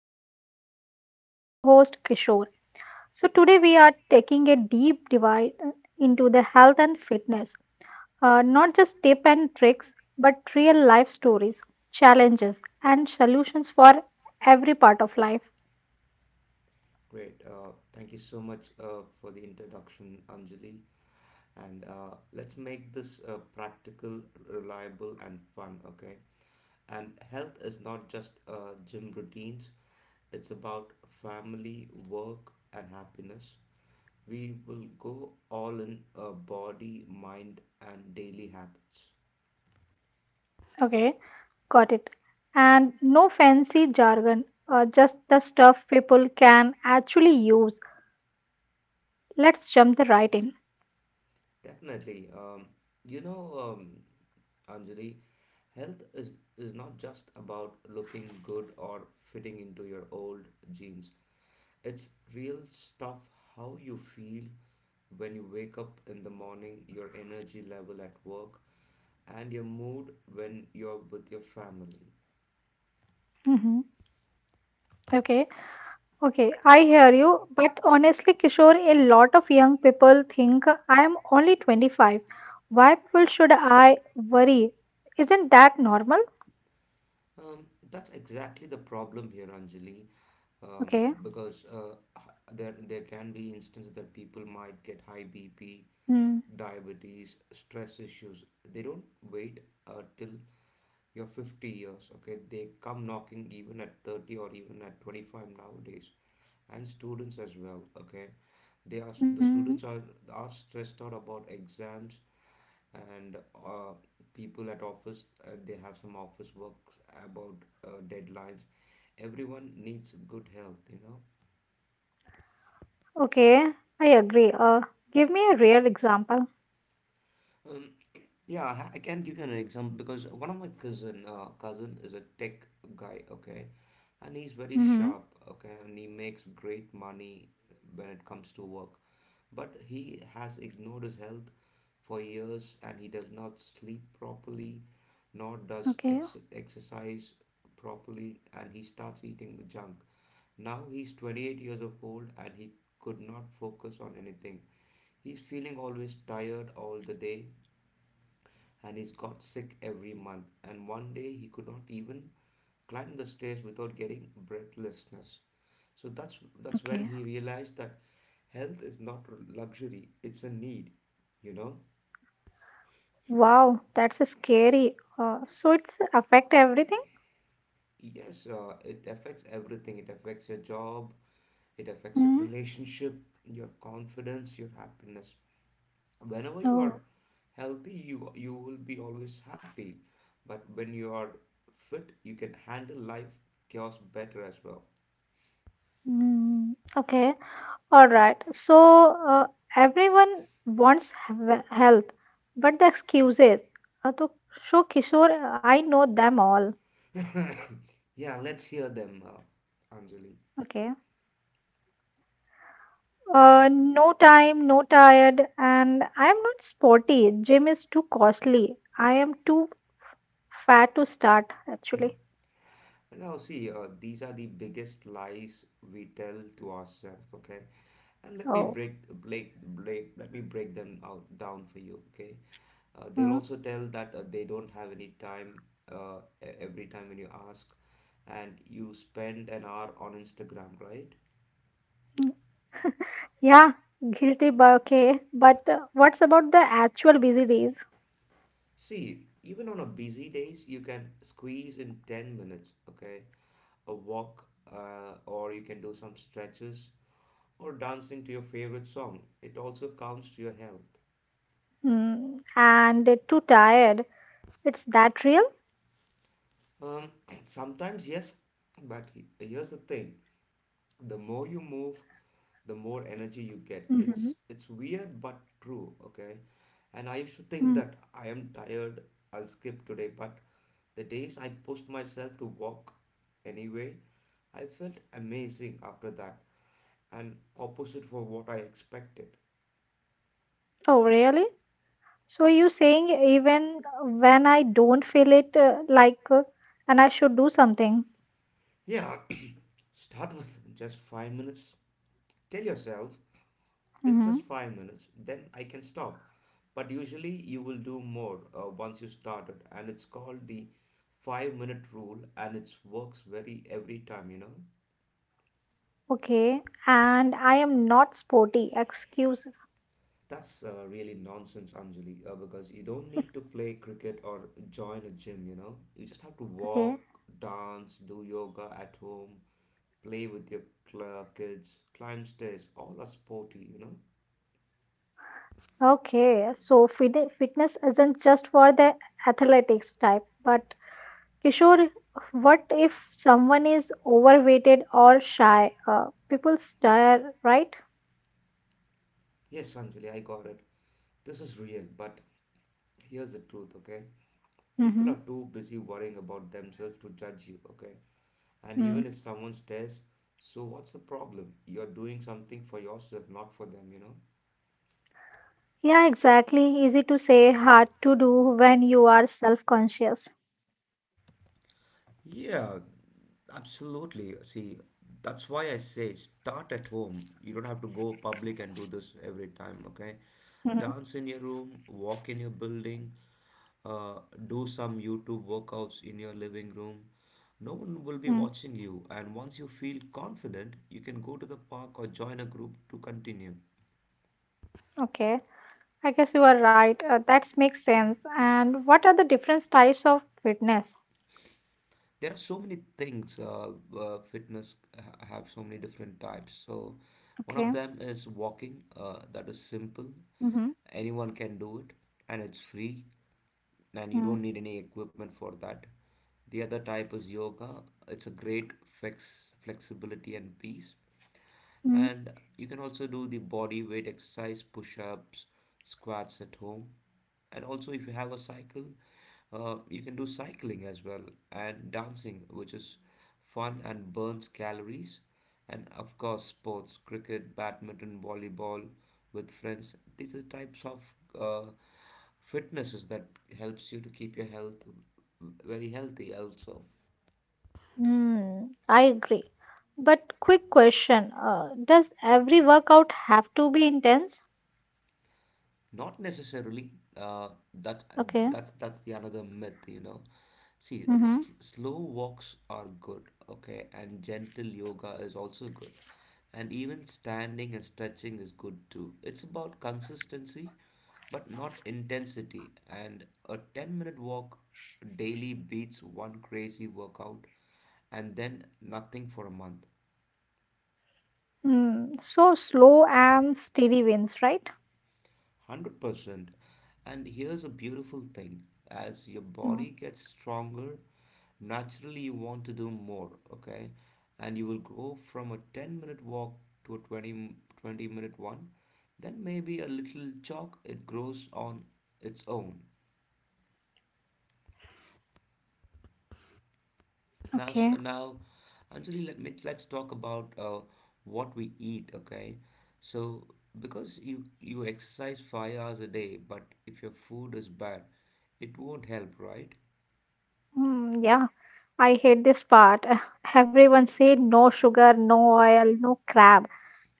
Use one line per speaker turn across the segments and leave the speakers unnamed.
and with me my co-host Kishore. So today we are taking a deep dive into the health and fitness. Not just tips and tricks, but real life stories, challenges and solutions for every part of life.
Great. Thank you so much for the introduction, Anjali. And let's make this practical, reliable, and fun, okay? And health is not just gym routines, it's about family, work, and happiness. We will go all in body, mind, and daily habits.
Okay, got it. And no fancy jargon, just the stuff people can actually use. Let's jump the right in.
Definitely. You know, um, Anjali, health is not just about looking good or fitting into your old jeans. It's real stuff: how you feel when you wake up in the morning, your energy level at work, and your mood when you're with your family.
Mhm. Okay. Okay, I hear you, but honestly, Kishore, a lot of young people think I am only 25. Why people should I worry? Isn't that normal?
That's exactly the problem here, Anjali, um,
Okay.
because there can be instances that people might get high BP,
Hmm.
diabetes, stress issues. They don't wait till your 50 years, okay? They come knocking even at 30, or even at 25 nowadays. And students as well, okay? The
Hmm.
students are stressed out about exams. And people at office, they have some office works about deadlines. Everyone needs good health.
Okay, I agree. Give me a real example.
Um, yeah, I can give you an example, because one of my cousin is a tech guy, okay, and he's very
Mm-hmm.
sharp, okay, and he makes great money when it comes to work. But he has ignored his health for years, and he does not sleep properly, nor does
Okay.
ex exercise properly, and he starts eating junk. Now he's 28 years of old, and he could not focus on anything. He's feeling always tired all the day, and he got sick every month. And one day he could not even climb the stairs without getting breathlessness. So that's when
Okay.
he realized that health is not a luxury; it's a need. You know,
Wow, that's a scary. So it's affect everything?
yes, it affects everything. It affects your job. It affects your
Mm.
relationship, your confidence, your happiness. Whenever you are
Oh.
healthy, you will be always happy. But when you are fit, you can handle life chaos better as well.
Mm. Okay. All right. So uh, everyone wants health, but the excuses. To show Kishore, I know them all.
Yeah, let's hear them, Anjali.
Okay. No time, no tired, and I am not sporty. Gym is too costly. I am too fat to start.
Hmm.
Actually.
Now, see, these are the biggest lies we tell to ourselves. Okay, and let me
Oh.
break, break, break. Let me break them out down for you. Okay, they'll
Mm.
also tell that they don't have any time. Every time when you ask, and you spend an hour on Instagram, right?
Yeah. Guilty, but okay. But what's about the actual busy days?
See, even on a busy days, you can squeeze in 10 minutes, okay? A walk, or you can do some stretches or dancing to your favorite song. It also counts to your health.
Mm. And too tired. It's that real?
Um, Sometimes, yes, but here's the thing: the more you move, the more energy you get.
Mm-hmm.
It's weird but true, okay? And I used to
Mm.
think that I am tired, I'll skip today, but the days I pushed myself to walk anyway, I felt amazing after that, and opposite for what I expected.
Oh, really? So you saying even when I don't feel it and I should do something.
Yeah, start with just 5 minutes. Tell yourself it's just
Mm-hmm.
5 minutes, then I can stop. But usually you will do more once you started, and it's called the 5 minute rule, and it works very every time.
Okay. And I am not sporty. Excuses.
That's really nonsense, Anjali, because you don't need to play cricket or join a gym, you know. You just have to
Okay.
walk, dance, do yoga at home, play with your kids, climb stairs, all are sporty.
Okay. So fitness isn't just for the athletics type, but Kishore, what if someone is overweighted or shy? People stare, right?
Yes, Anjali, I got it. This is real, but here's the truth, okay? People
Mm-hmm.
are too busy worrying about themselves to judge you, okay? And
Mm.
even if someone stares, so what's the problem? You're doing something for yourself, not for them, you know?
Yeah, exactly. Easy to say, hard to do when you are self-conscious.
Yeah, absolutely. See, that's why I say start at home. You don't have to go public and do this every time, okay?
Mm-hmm.
Dance in your room, walk in your building, uh, do some YouTube workouts in your living room. No one will be
Mm.
watching you, and once you feel confident, you can go to the park or join a group to continue.
Okay, I guess you are right. That makes sense. And what are the different types of fitness?
There are so many things. Fitness have so many different types. So, one
Okay.
of them is walking. That is simple.
Mm-hmm.
Anyone can do it, and it's free, and you
Mm.
don't need any equipment for that. The other type is yoga. It's a great flexibility and peace.
Mm,
And you can also do the body weight exercise: push-ups, squats at home. And also if you have a cycle, you can do cycling as well. And dancing, which is fun and burns calories. And of course sports: cricket, badminton, volleyball with friends. These are types of uh, fitnesses that helps you to keep your health very healthy also.
mm, I agree. But quick question, does every workout have to be intense?
Not necessarily. Uh, that's
Okay.
that's the another myth. See, s
Mm-hmm.
slow walks are good, okay, and gentle yoga is also good, and even standing and stretching is good too. It's about consistency, but not intensity. And a 10-minute walk daily beats one crazy workout and then nothing for a month.
Mm, so slow and steady wins, right?
100%. And here's a beautiful thing: as your
Mm.
body gets stronger, naturally you want to do more, okay? And you will go from a 10-minute walk to a twenty minute one. Then maybe a little jog, it grows on its own. Now, so
Okay.
now, Anjali, let's talk about what we eat, okay? So, because you exercise 5 hours a day, but if your food is bad, it won't help, right?
Mm, yeah, I hate this part. Everyone say no sugar, no oil, no crab.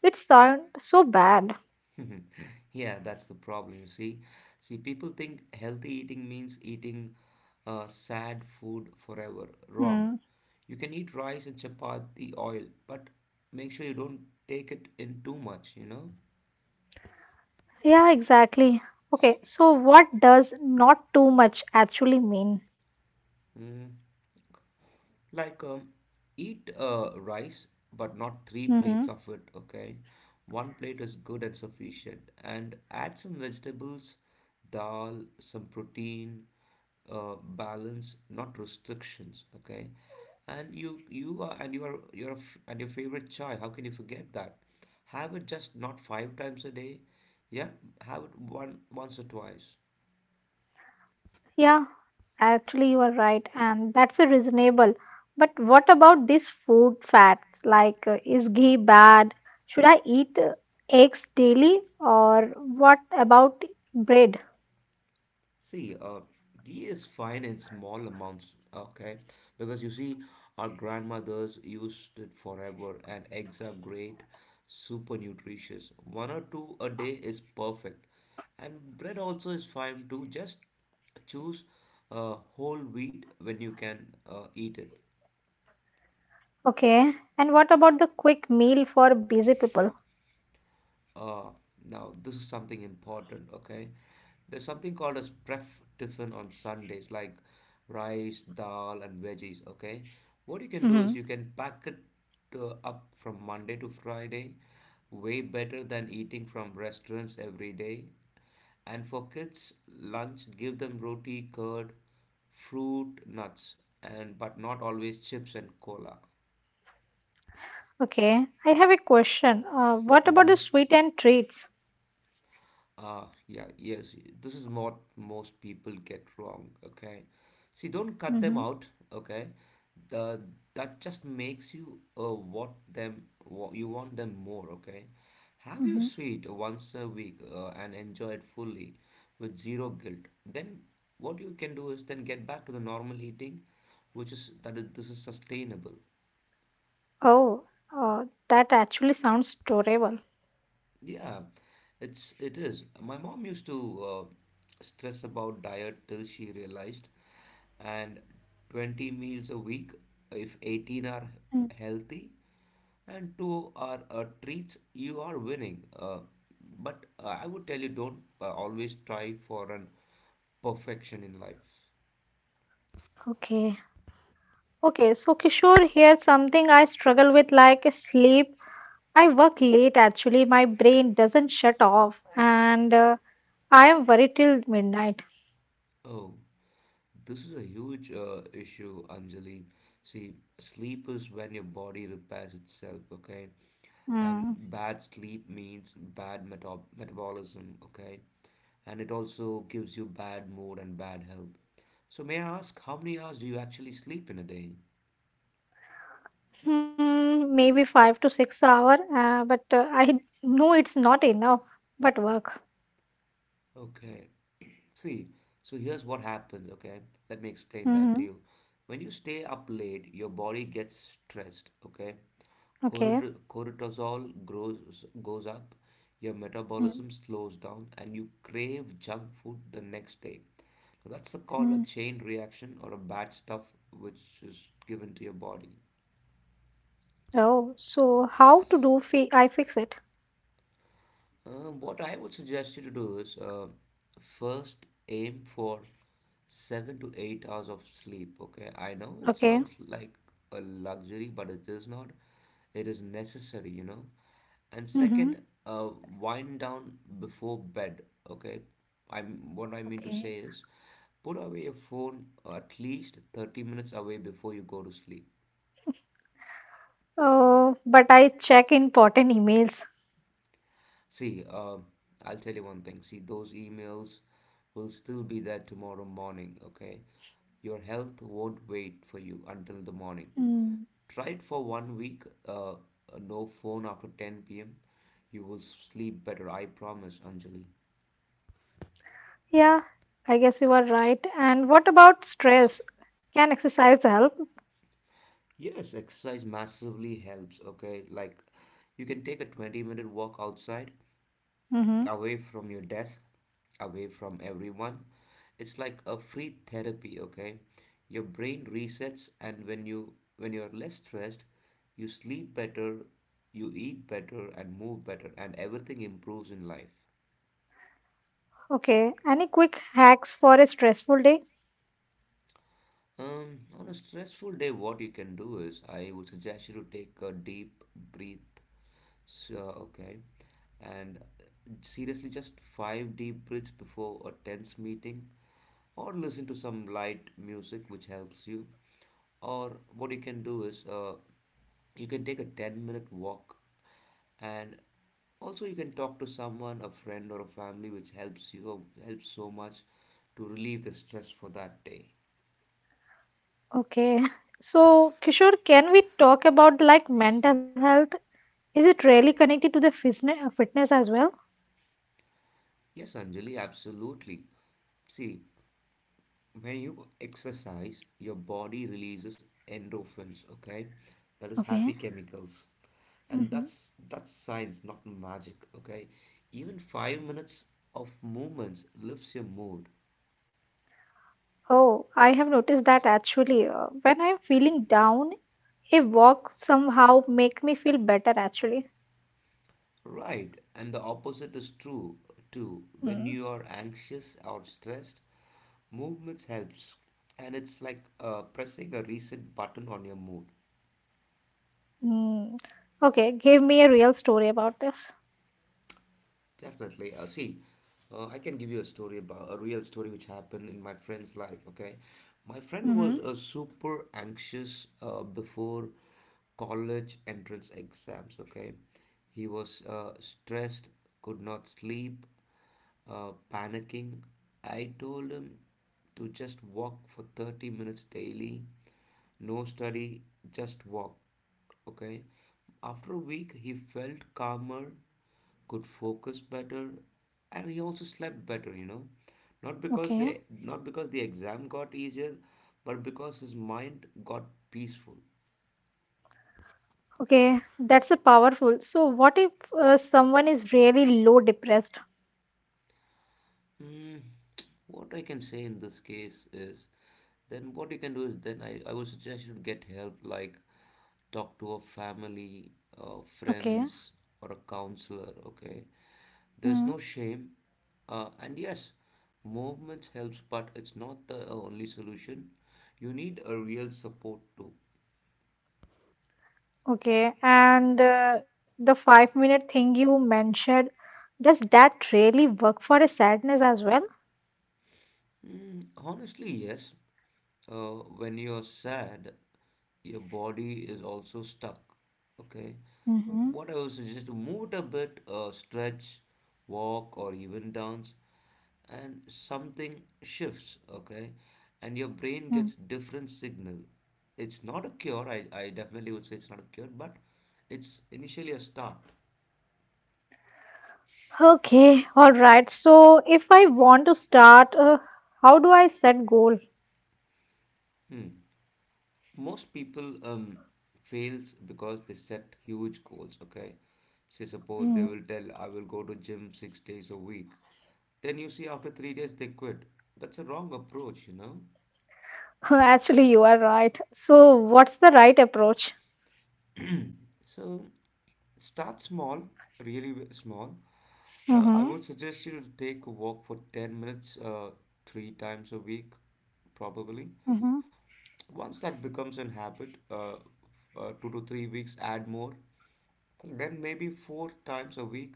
It sounds so bad.
Yeah, that's the problem, you see. See, people think healthy eating means eating sad food forever. Wrong.
Mm.
You can eat rice and chapati oil, but make sure you don't take it in too much, you know?
Yeah, exactly. Okay, so what does not too much actually mean?
Mm. Like, eat rice, but not three
Hmm.
plates of it, okay? One plate is good and sufficient. And add some vegetables, dal, some protein, balance, not restrictions, okay? And your favorite chai, how can you forget that? Have it just not 5 times a day, yeah? Have it once or twice.
Yeah, actually, you are right, and that's a reasonable. But what about these food facts? Like, is ghee bad? Should I eat eggs daily? Or what about bread?
See, ghee is fine in small amounts, okay? Because you see, our grandmothers used it forever, and eggs are great, super nutritious. One or two a day is perfect. And bread also is fine too. Just choose whole wheat when you can eat it.
Okay, and what about the quick meal for busy people?
Uh, Now this is something important, okay? There's something called as pref tiffin on Sundays, like rice, dal, and veggies, okay? What you can do
Hmm.
is you can pack it up from Monday to Friday, way better than eating from restaurants every day. And for kids, lunch, give them roti, curd, fruit, nuts, and but not always chips and cola.
Okay, I have a question. What about the
Mm-hmm.
sweet and treats?
Ah, yeah, yes. This is what most people get wrong, okay? See, don't cut
Hmm.
them out, okay? The that just makes you what you want them more, okay? Have your sweet once a week and enjoy it fully with zero guilt. Then what you can do is then get back to the normal eating, which is that is, this is sustainable.
Oh, uh, that actually sounds adorable.
Yeah, it is. My mom used to stress about diet till she realized, and 20 meals a week, if 18 are
Mm.
healthy and two are treats, you are winning. But I would tell you don't always try for an perfection in life.
Okay. Okay, so Kishore, here's something I struggle with like sleep. I work late actually. My brain doesn't shut off and I am worried till midnight.
Oh, this is a huge issue, Anjali. See, sleep is when your body repairs itself, okay? And
Mm.
bad sleep means bad metabolism. Okay, and it also gives you bad mood and bad health. So may I ask, how many hours do you actually sleep in a day?
Hmm, maybe 5 to 6 hours, but I know it's not enough, but work.
Okay, see, so here's what happens, okay? Let me explain that to
Mm-hmm.
you. When you stay up late, your body gets stressed, okay?
Okay.
Cortisol goes up, your metabolism slows down, and you crave junk food the next day. Now, that's called a
Mm-hmm.
chain reaction, or a bad stuff which is given to your body.
Oh, so how to do fi I fix it?
What I would suggest you to do is, first, aim for 7 to 8 hours of sleep. Okay, I know it
Okay.
sounds like a luxury, but it is not. It is necessary. And
Mm-hmm.
second, wind down before bed. Okay, I'm what I mean to
Okay.
say is, put away your phone at least 30 minutes away before you go to sleep.
Oh, but I check important emails.
See, I'll tell you one thing. See, those emails will still be there tomorrow morning, okay? Your health won't wait for you until the morning.
Mm.
Try it for one week, uh, uh, no phone after 10 p.m. You will sleep better, I promise, Anjali.
Yeah, I guess you are right. And what about stress? Can exercise help?
Yes, exercise massively helps, okay? Like, you can take a 20-minute walk outside,
Mm-hmm.
away from your desk, away from everyone. It's like a free therapy, okay? Your brain resets, and when you're less stressed, you sleep better, you eat better and move better, and everything improves in life.
Okay, any quick hacks for a stressful day?
On a stressful day, what you can do is I would suggest you to take a deep breath. So, okay, and seriously, just five deep breaths before a tense meeting, or listen to some light music which helps you, or what you can do is you can take a 10-minute walk, and also you can talk to someone, a friend or a family, which helps you helps so much to relieve the stress for that day.
Okay, so Kishore, can we talk about like mental health? Is it really connected to the fitness as well?
Yes, Anjali, absolutely. See, when you exercise, your body releases endorphins, okay? That is happy
Okay.
chemicals, and
Mm-hmm.
that's science, not magic, okay? Even 5 minutes of movements lifts your mood.
Oh, I have noticed that actually. When I'm feeling down, a walk somehow make me feel better actually.
Right, and the opposite is true too. When you are anxious or stressed, movements helps, and it's like pressing a reset button on your mood.
Mm. Okay, give me a real story about this.
Definitely. See, I can give you a story about a real story which happened in my friend's life. Okay, my friend was
Mm-hmm.
super anxious before college entrance exams. Okay, he was stressed, could not sleep, panicking. I told him to just walk for 30 minutes daily, no study, just walk. Okay, after a week, he felt calmer, could focus better, and he also slept better. Not because
Okay.
the not because the exam got easier, but because his mind got peaceful.
Okay, that's a powerful. So, what if someone is really low depressed?
Mm, what I can say in this case is, then what you can do is, then I would suggest you to get help, like talk to a family,
Okay.
friends, or a counselor, okay? There's
Mm.
no shame, and yes, movements helps, but it's not the only solution. You need a real support too.
Okay, and the 5 minute thing you mentioned, does that really work for a sadness as well?
Mm, honestly, yes. Uh, when you're sad, your body is also stuck. Okay.
Mm-hmm.
What I would suggest is to move it a bit, stretch, walk, or even dance, and something shifts. Okay, and your brain
Mm.
gets different signal. It's not a cure. I definitely would say it's not a cure, but it's initially a start.
Okay, all right. So, if I want to start, how do I set goal?
Hmm. Most people fails because they set huge goals, okay? Say suppose they
Mm.
will tell, I will go to gym 6 days a week, then you see after 3 days they quit. That's a wrong approach, you know.
Actually, you are right. So, what's the right approach?
So start small, really small. I would suggest you to take a walk for 10 minutes, three times a week, probably.
Mm-hmm.
Once that becomes an habit, 2 to 3 weeks, add more, then maybe four times a week.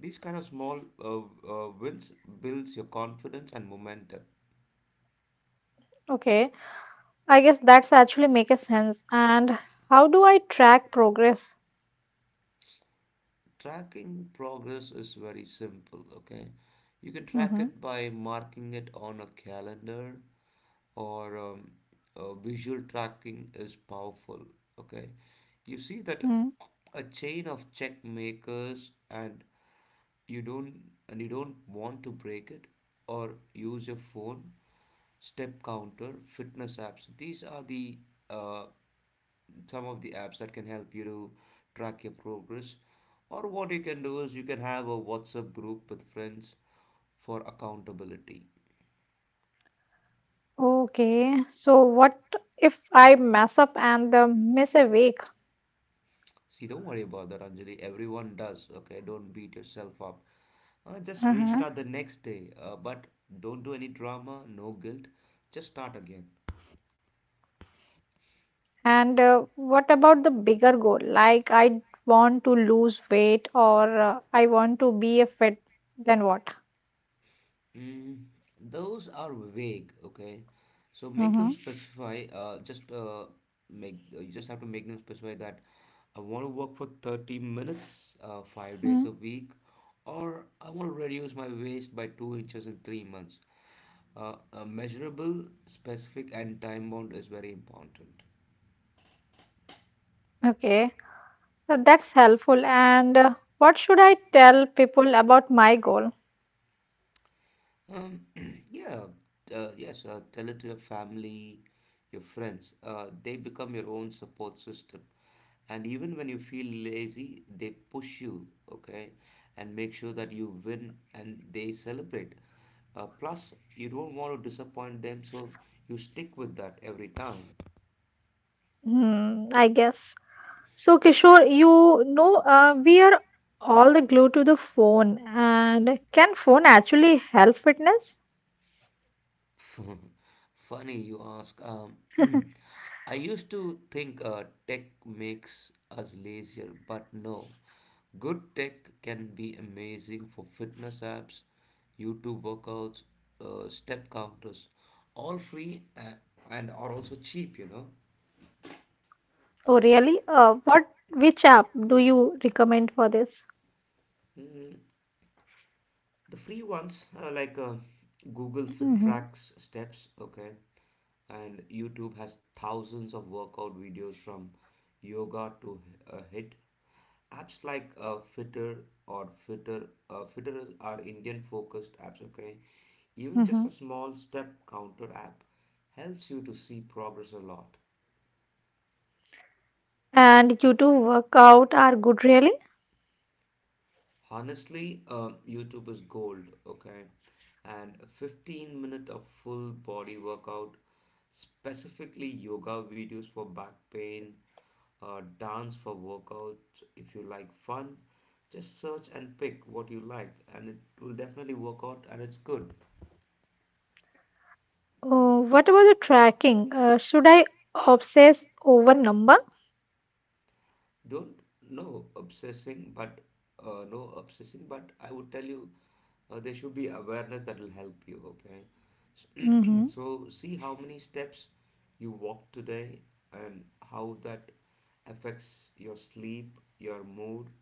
These kind of small wins builds your confidence and momentum.
Okay, I guess that's actually make a sense. And how do I track progress?
Tracking progress is very simple, okay? You can track
Mm-hmm.
it by marking it on a calendar, or visual tracking is powerful, okay? You see
Mm.
that a chain of check makers, and you don't you don't want to break it. Or use your phone, Step Counter, fitness apps. These are the uh, some of the apps that can help you to track your progress. Or what you can do is you can have a WhatsApp group with friends for accountability.
Okay, so what if I mess up and miss a week?
See, don't worry about that, Anjali. Everyone does. Okay, don't beat yourself up. Just
Mm-hmm.
restart the next day, but don't do any drama, no guilt. Just start again.
And what about the bigger goal? Like I want to lose weight or I want to be a fit, then what?
Mm, those are vague, okay? So make them
Mm-hmm.
specify, just make you just have to make them specify that I want to work for 30 minutes, 5 days a
Mm.
week, or I want to reduce my waist by 2 inches in 3 months. Measurable, specific, and time bound is very important.
Okay, so that's helpful. And what should I tell people about my goal?
Um, yeah, yes, tell it to your family, your friends. They become your own support system. And even when you feel lazy, they push you, okay, and make sure that you win and they celebrate. Plus, you don't want to disappoint them, so you stick with that every time.
Hmm, I guess. So, Kishore, you know, we are all the glue to the phone. And can phone actually help fitness?
Funny you ask. I used to think tech makes us lazier, but no. Good tech can be amazing for fitness apps, YouTube workouts, step counters, all free and are also cheap, you know.
Oh, really? Which app do you recommend for this?
Mm, the free ones are like Google Fit
Mm-hmm.
tracks steps, okay, and YouTube has thousands of workout videos from yoga to hit. Apps like Fitter are Indian focused apps. Okay, even
Mm-hmm.
just a small step counter app helps you to see progress a lot.
And YouTube workout are good, really?
Honestly, YouTube is gold. Okay, and a 15 minute of full body workout, specifically yoga videos for back pain, dance for workouts. If you like fun, just search and pick what you like, and it will definitely work out and it's good.
Oh, what about the tracking? Should I obsess over number?
Don't no obsessing, but No obsessing, but I would tell you, there should be awareness that will help you, okay?
Mm-hmm.
So, see how many steps you walk today and how that affects your sleep, your mood.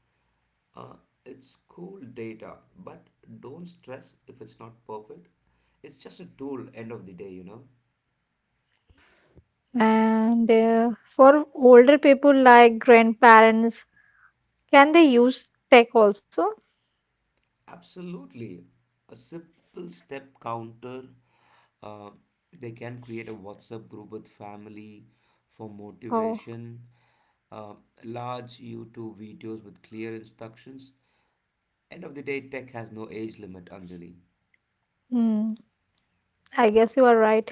Uh, it's cool data, but don't stress if it's not perfect. It's just a tool, end of the day, you know.
And for older people like grandparents, can they use tech also?
Absolutely. A simple step counter. Uh, they can create a WhatsApp group with family for
Oh.
motivation, uh, large YouTube videos with clear instructions. End of the day, tech has no age limit, Anjali.
I guess you are right.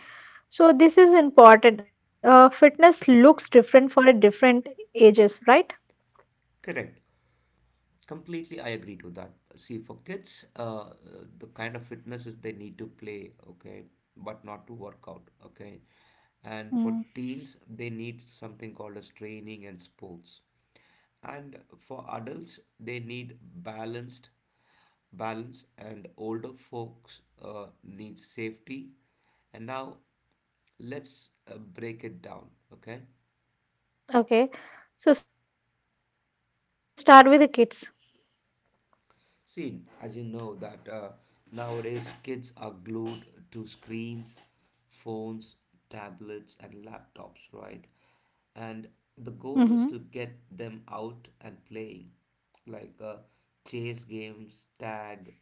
So this is important. Fitness looks different for a different ages, right?
Correct. Completely, I agree to that. See, for kids, the kind of fitnesses they need to play, okay, but not to work out, okay. And for teens,
Mm.
they need something called as training and sports. And for adults, they need balance, and older folks need safety. And now let's break it down, okay?
Okay. So start with the kids.
See, as you know that nowadays kids are glued to screens, phones, tablets, and laptops, right? And the goal is to get
Mm-hmm.
them out and playing, like chase games, tag,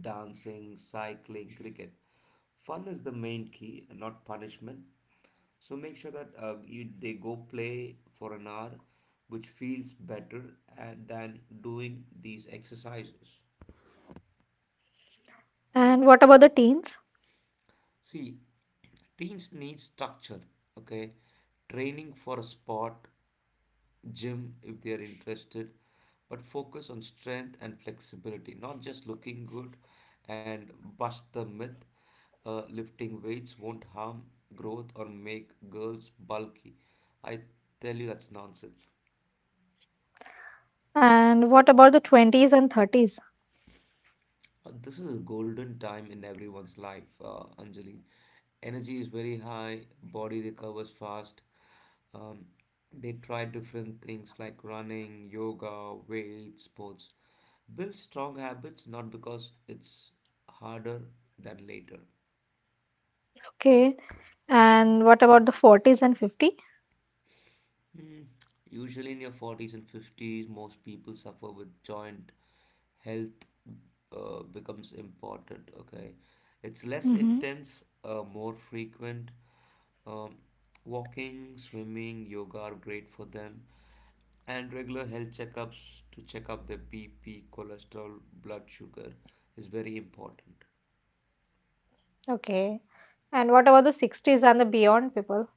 dancing, cycling, cricket. Fun is the main key, not punishment. So make sure that you they go play for an hour, which feels better and, than doing these exercises.
And what about the teens?
See, teens need structure, okay? Training for a sport, gym if they are interested, but focus on strength and flexibility, not just looking good, and bust the myth. Lifting weights won't harm growth or make girls bulky. I tell you, that's nonsense.
And what about the 20s and 30s?
This is a golden time in everyone's life, Anjali. Energy is very high, body recovers fast. Um, they try different things like running, yoga, weights, sports. Build strong habits, not because it's harder than later.
Okay. And what about the 40s and 50?
Mm, usually in your 40s and 50s, most people suffer with joint health becomes important, okay? It's less
Mm-hmm.
intense, more frequent. Um, Walking, swimming, yoga are great for them, and regular health checkups to check up their BP, cholesterol, blood sugar is very important.
Okay. And what about the 60s and the beyond people?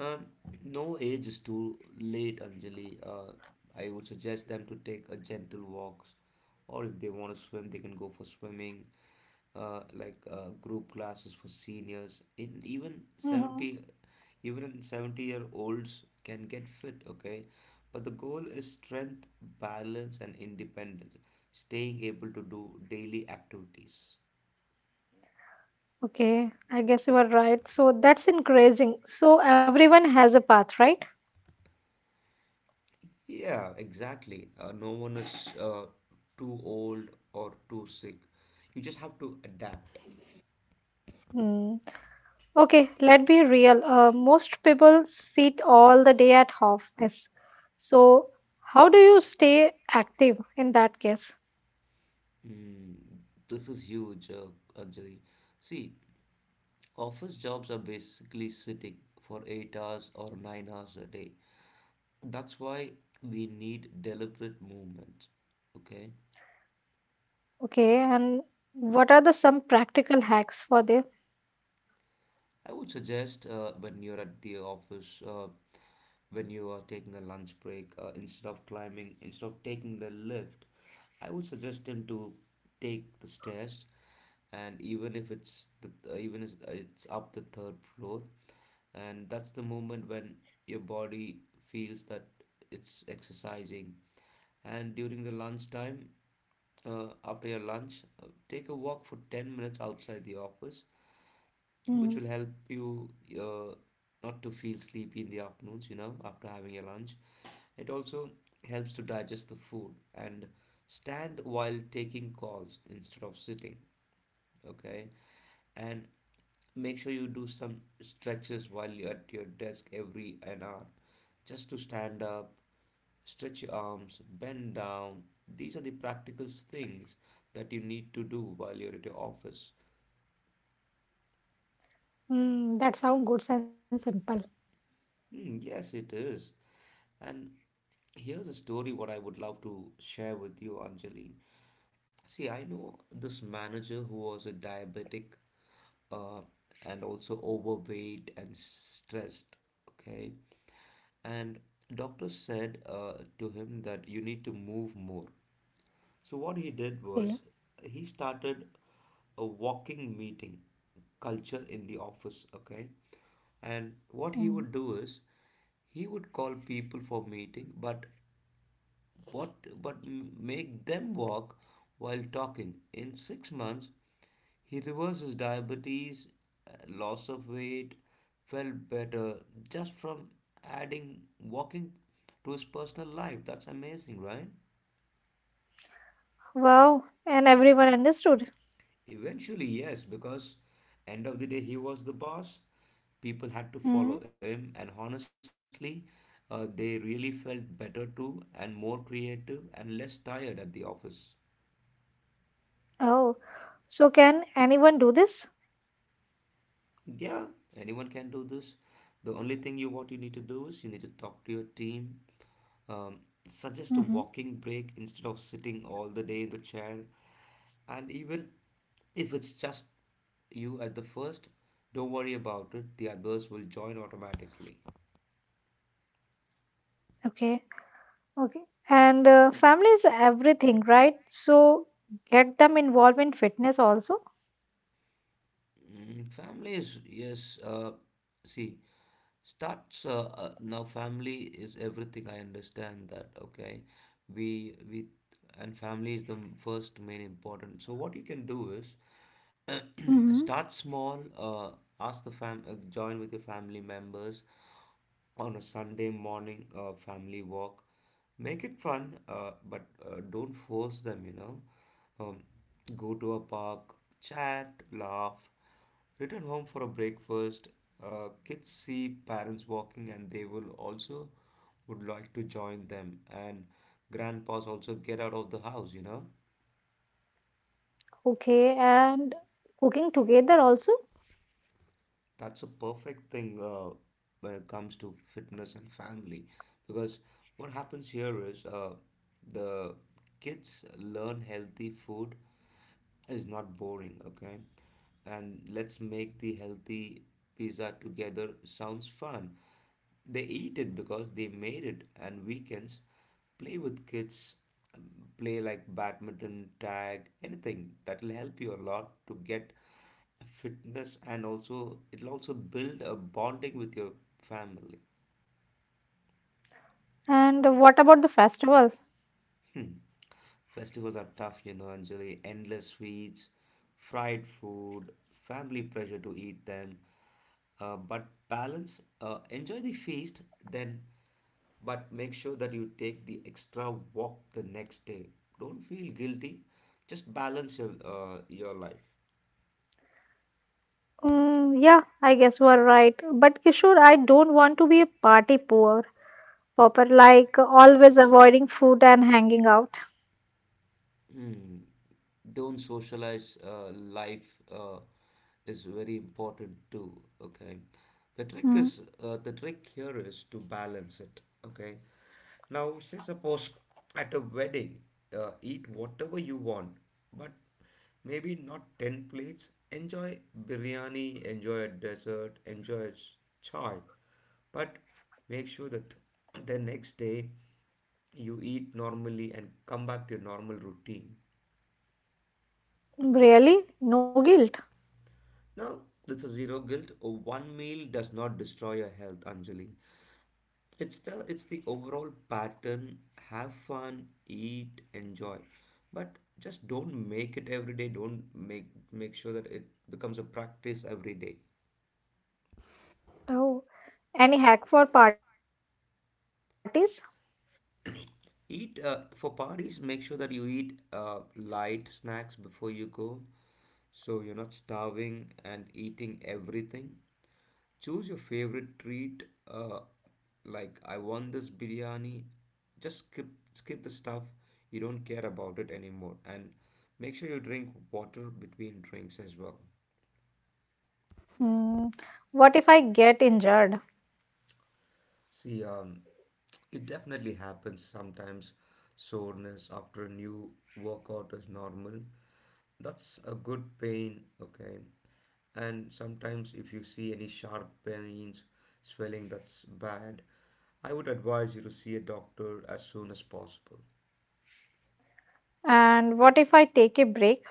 Um, no age is too late, Anjali. I would suggest them to take a gentle walks, or if they want to swim, they can go for swimming. Like group classes for seniors. in even
Mm-hmm.
70 Even 70 year olds can get fit, okay, but the goal is strength, balance, and independence, staying able to do daily activities.
Okay. I guess you are right. So that's encouraging. So everyone has a path, right?
Yeah, exactly. No one is too old or too sick, you just have to adapt.
Mm. Okay, let's be real. Most people sit all the day at office. So, how do you stay active in that case?
Mm, this is huge, Anjali. See, office jobs are basically sitting for 8 hours or 9 hours a day. That's why we need deliberate movement. Okay?
Okay, and what are the some practical hacks for them?
I would suggest when you're at the office, when you are taking a lunch break, instead of taking the lift, I would suggest them to take the stairs, and even if it's up the third floor. And that's the moment when your body feels that it's exercising. And during the lunchtime, after your lunch, take a walk for 10 minutes outside the office, which will
Mm,
help you uh, not to feel sleepy in the afternoons, you know, after having your lunch. It also helps to digest the food, and stand while taking calls instead of sitting, okay? And make sure you do some stretches while you're at your desk every an hour, just to stand up, stretch your arms, bend down. These are the practical things that you need to do while you're at your office.
mm, that sounds good and simple.
Hmm, yes, it is. And here's a story what I would love to share with you, Anjali. See, I know this manager who was a diabetic, uh, and also overweight and stressed. Okay. And doctor said to him that you need to move more. So what he did
Okay.
was, he started a walking meeting culture in the office, okay? And what he
Mm.
would do is, he would call people for meeting, but what make them walk while talking. In 6 months, he reversed his diabetes, loss of weight, felt better just from adding walking to his personal life. That's amazing, right?
Wow, and everyone understood.
Eventually, yes, because end of the day he was the boss. People had to
Mm.
follow him, and honestly, they really felt better too, and more creative and less tired at the office.
Oh, so can anyone do this?
Yeah, anyone can do this. The only thing you what you need to do is you need to talk to your team, um,
Mm-hmm.
suggest a walking break instead of sitting all the day in the chair, and even if it's just you at the first, don't worry about it. The others will join automatically.
Okay, okay. And family is everything, right? So get them involved in fitness also.
Mm, families, yes. See, starts now. Family is everything. I understand that. Okay, we and family is the first main important. So what you can do is
Hmm.
start small. Ask the fam. Join with your family members on a Sunday morning family walk. Make it fun, but don't force them. Um, Go to a park, chat, laugh, return home for a breakfast. Kids see parents walking and they will also would like to join them. And grandpas also get out of the house, you know?
Okay, and cooking together also?
That's a perfect thing when it comes to fitness and family, because what happens here is the kids learn healthy food is not boring, okay? And let's make the healthy pizza together sounds fun. They eat it because they made it, and weekends play with kids, um, play like badminton, tag, anything that'll help you a lot to get fitness and also it'll also build a bonding with your family.
And what about the festivals?
Hmm. Festivals are tough, you know, Anjali. Endless sweets, fried food, family pressure to eat them. But balance, enjoy the feast, then, but make sure that you take the extra walk the next day. Don't feel guilty. Just balance your life.
Mm, yeah, I guess you are right. But Kishore, I don't want to be a party poor popper, like always avoiding food and hanging out.
Hmm. Don't socialize life is very important too. Okay, the trick
Mm,
is the trick here is to balance it. Okay, now say suppose at a wedding, eat whatever you want, but maybe not ten plates. Enjoy biryani, enjoy a dessert, enjoy a chai, but make sure that the next day you eat normally and come back to your normal routine.
really? No guilt?
Now, it's a zero guilt. One meal does not destroy your health, Anjali. It's the overall pattern. Have fun, eat, enjoy, but just don't make it every day. Don't make Make sure that it becomes a practice every day.
Oh, any hack for parties?
Eat for parties. Make sure that you eat light snacks before you go, so you're not starving and eating everything. Choose your favorite treat, like I want this biryani. Just skip Skip the stuff you don't care about it anymore, and make sure you drink water between drinks as well.
Mm, what if I get injured?
See, it definitely happens sometimes. Soreness after a new workout is normal. That's a good pain, okay? And sometimes if you see any sharp pains swelling, that's bad. I would advise you to see a doctor as soon as possible.
And what if I take a break?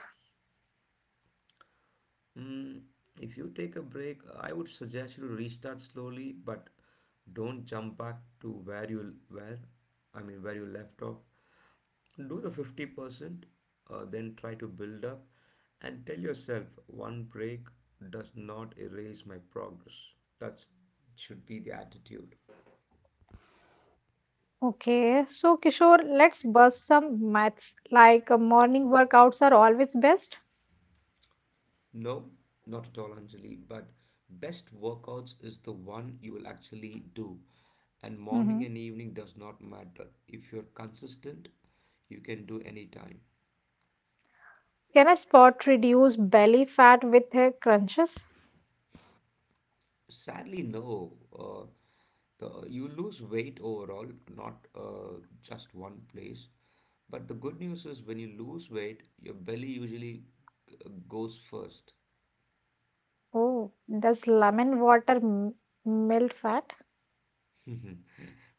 Mm, if you take a break, I would suggest you to restart slowly, but don't jump back to where you where I mean where you left off. Do the 50% then try to build up and tell yourself one break does not erase my progress. That's should be the attitude.
Okay, so Kishore, let's bust some maths. Like morning workouts are always best.
No, not at all, Anjali. But best workouts is the one you will actually do. And morning
Mm-hmm.
and evening does not matter. If you're consistent, you can do any time.
Can a spot reduce belly fat with crunches?
Sadly, no. The, you lose weight overall, not just one place. But the good news is when you lose weight, your belly usually g- goes first.
Oh, does lemon water melt fat?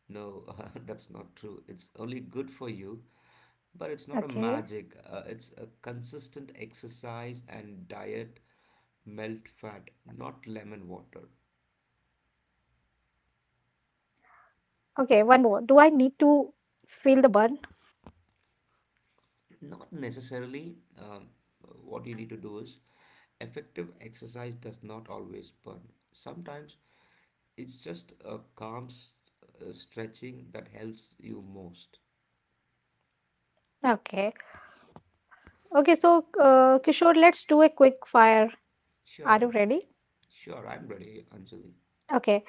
No, that's not true. It's only good for you. But it's not a
Okay.
magic, it's a consistent exercise and diet, melt fat, not lemon water.
Okay, one more. Do I need to feel the burn?
Not necessarily. What you need to do is Effective exercise does not always burn. Sometimes it's just a calm stretching that helps you most.
Okay. Okay, so Kishore, let's do a quick fire. Are
Sure,
you ready?
sure, I'm ready, Anjali.
Okay.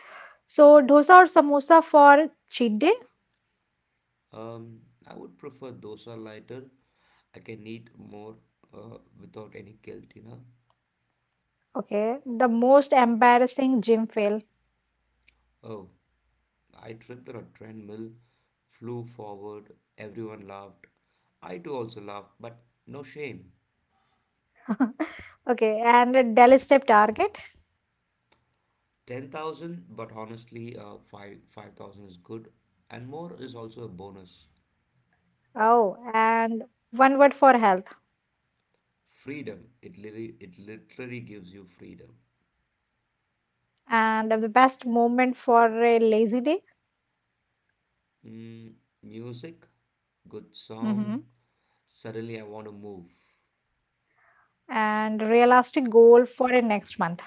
So, dosa or samosa for cheat day?
Um, I would prefer those are lighter. I can eat more without any guilt, you know.
Okay. The most embarrassing gym fail.
Oh, I tripped on a treadmill, flew forward, everyone laughed. I too also laughed, but no shame.
Okay, and a daily step target.
10,000, but honestly, 5,000 is good, and more is also a bonus.
Oh, and one word for health.
Freedom, it literally gives you freedom.
And the best moment for a lazy day.
Mm, music, good song,
Mm-hmm.
suddenly I want to move.
And realistic goal for a next month.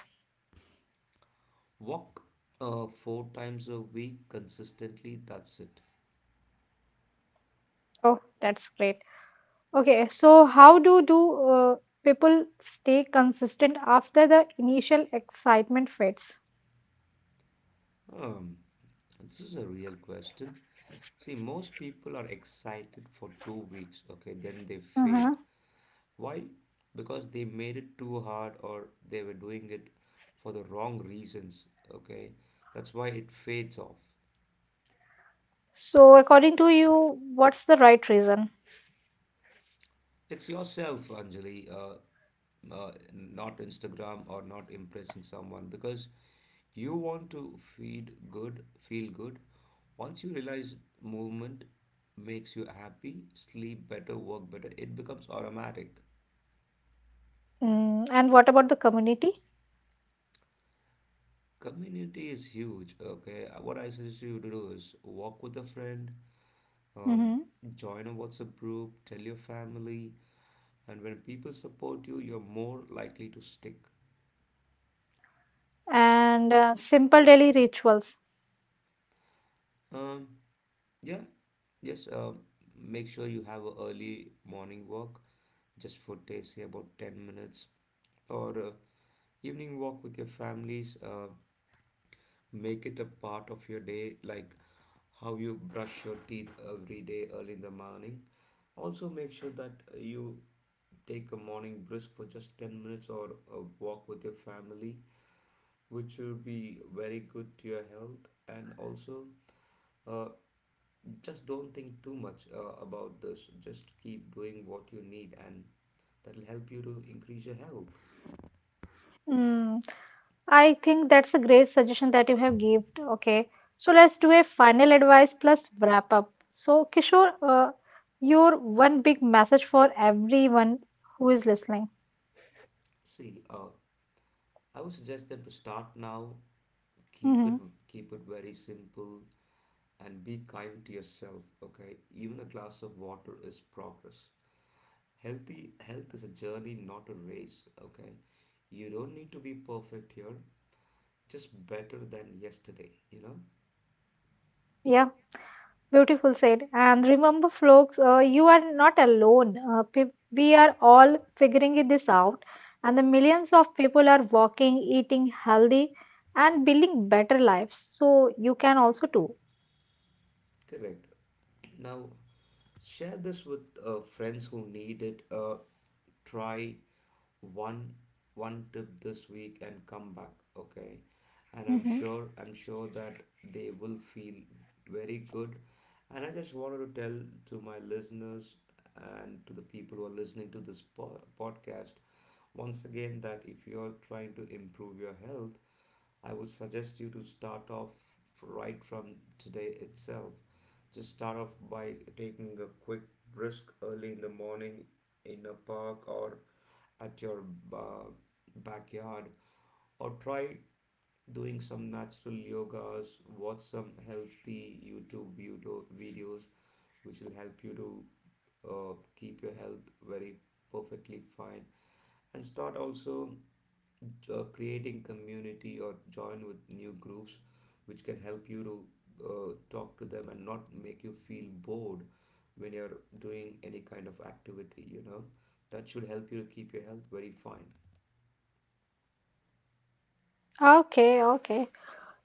Walk four times a week consistently, that's it.
Oh, that's great. Okay, so how do uh, people stay consistent after the initial excitement fades?
Um, this is a real question. See, most people are excited for 2 weeks, okay, then they fade.
Uh-huh.
Why? Because they made it too hard or they were doing it for the wrong reasons, okay? That's why it fades off.
So, according to you, what's the right reason?
It's yourself, Anjali, not Instagram or not impressing someone because you want to feed good, feel good. Once you realize movement makes you happy, sleep better, work better, it becomes automatic.
Mm, and what about the community?
Community is huge, okay? What I suggest you to do is walk with a friend, um,
Mm-hmm.
join a WhatsApp group, tell your family, and when people support you, you're more likely to stick.
And simple daily rituals?
Um, yeah, just make sure you have a early morning walk, just for say about 10 minutes, or evening walk with your families. Make it a part of your day, like how you brush your teeth every day early in the morning. Also, make sure that you take a morning brisk for just 10 minutes or a walk with your family, which will be very good to your health. And also, uh, just don't think too much about this. Just keep doing what you need, and that'll help you to increase your health.
Mm, I think that's a great suggestion that you have given. Okay, so let's do a final advice plus wrap up. So, Kishore, your one big message for everyone who is listening.
See, I would suggest them to start now, keep
Hmm.
it keep it very simple and be kind to yourself. Okay, even a glass of water is progress. Healthy health is a journey, not a race. Okay, you don't need to be perfect here, just better than yesterday, you know.
Yeah, beautiful said. And remember, folks, you are not alone. We are all figuring it this out, and the millions of people are walking, eating healthy, and building better lives. So you can also do.
Correct. Now, share this with friends who need it. Try one one tip this week and come back. Okay, and I'm
Hmm.
sure I'm sure that they will feel very good. And I just wanted to tell to my listeners and to the people who are listening to this podcast once again that if you're trying to improve your health, I would suggest you to start off right from today itself. Just start off by taking a quick brisk early in the morning in a park or at your ba- backyard, or try doing some natural yogas, watch some healthy YouTube videos, which will help you to keep your health very perfectly fine, and start also creating community or join with new groups which can help you to talk to them and not make you feel bored when you're doing any kind of activity, you know, that should help you to keep your health very fine.
Okay, okay.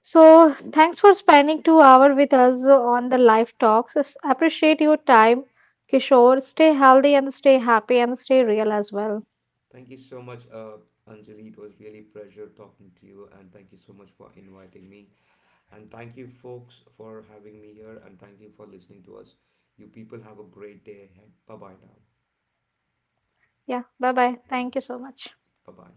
So, thanks for spending 2 hours with us on the live talks. Appreciate your time, Kishore. Stay healthy and stay happy and stay real as well.
Thank you so much, Anjali. It was really pleasure talking to you, and thank you so much for inviting me, and thank you folks for having me here, and thank you for listening to us. You people have a great day ahead. Bye bye now.
Yeah, bye bye. Thank you so much.
Bye bye.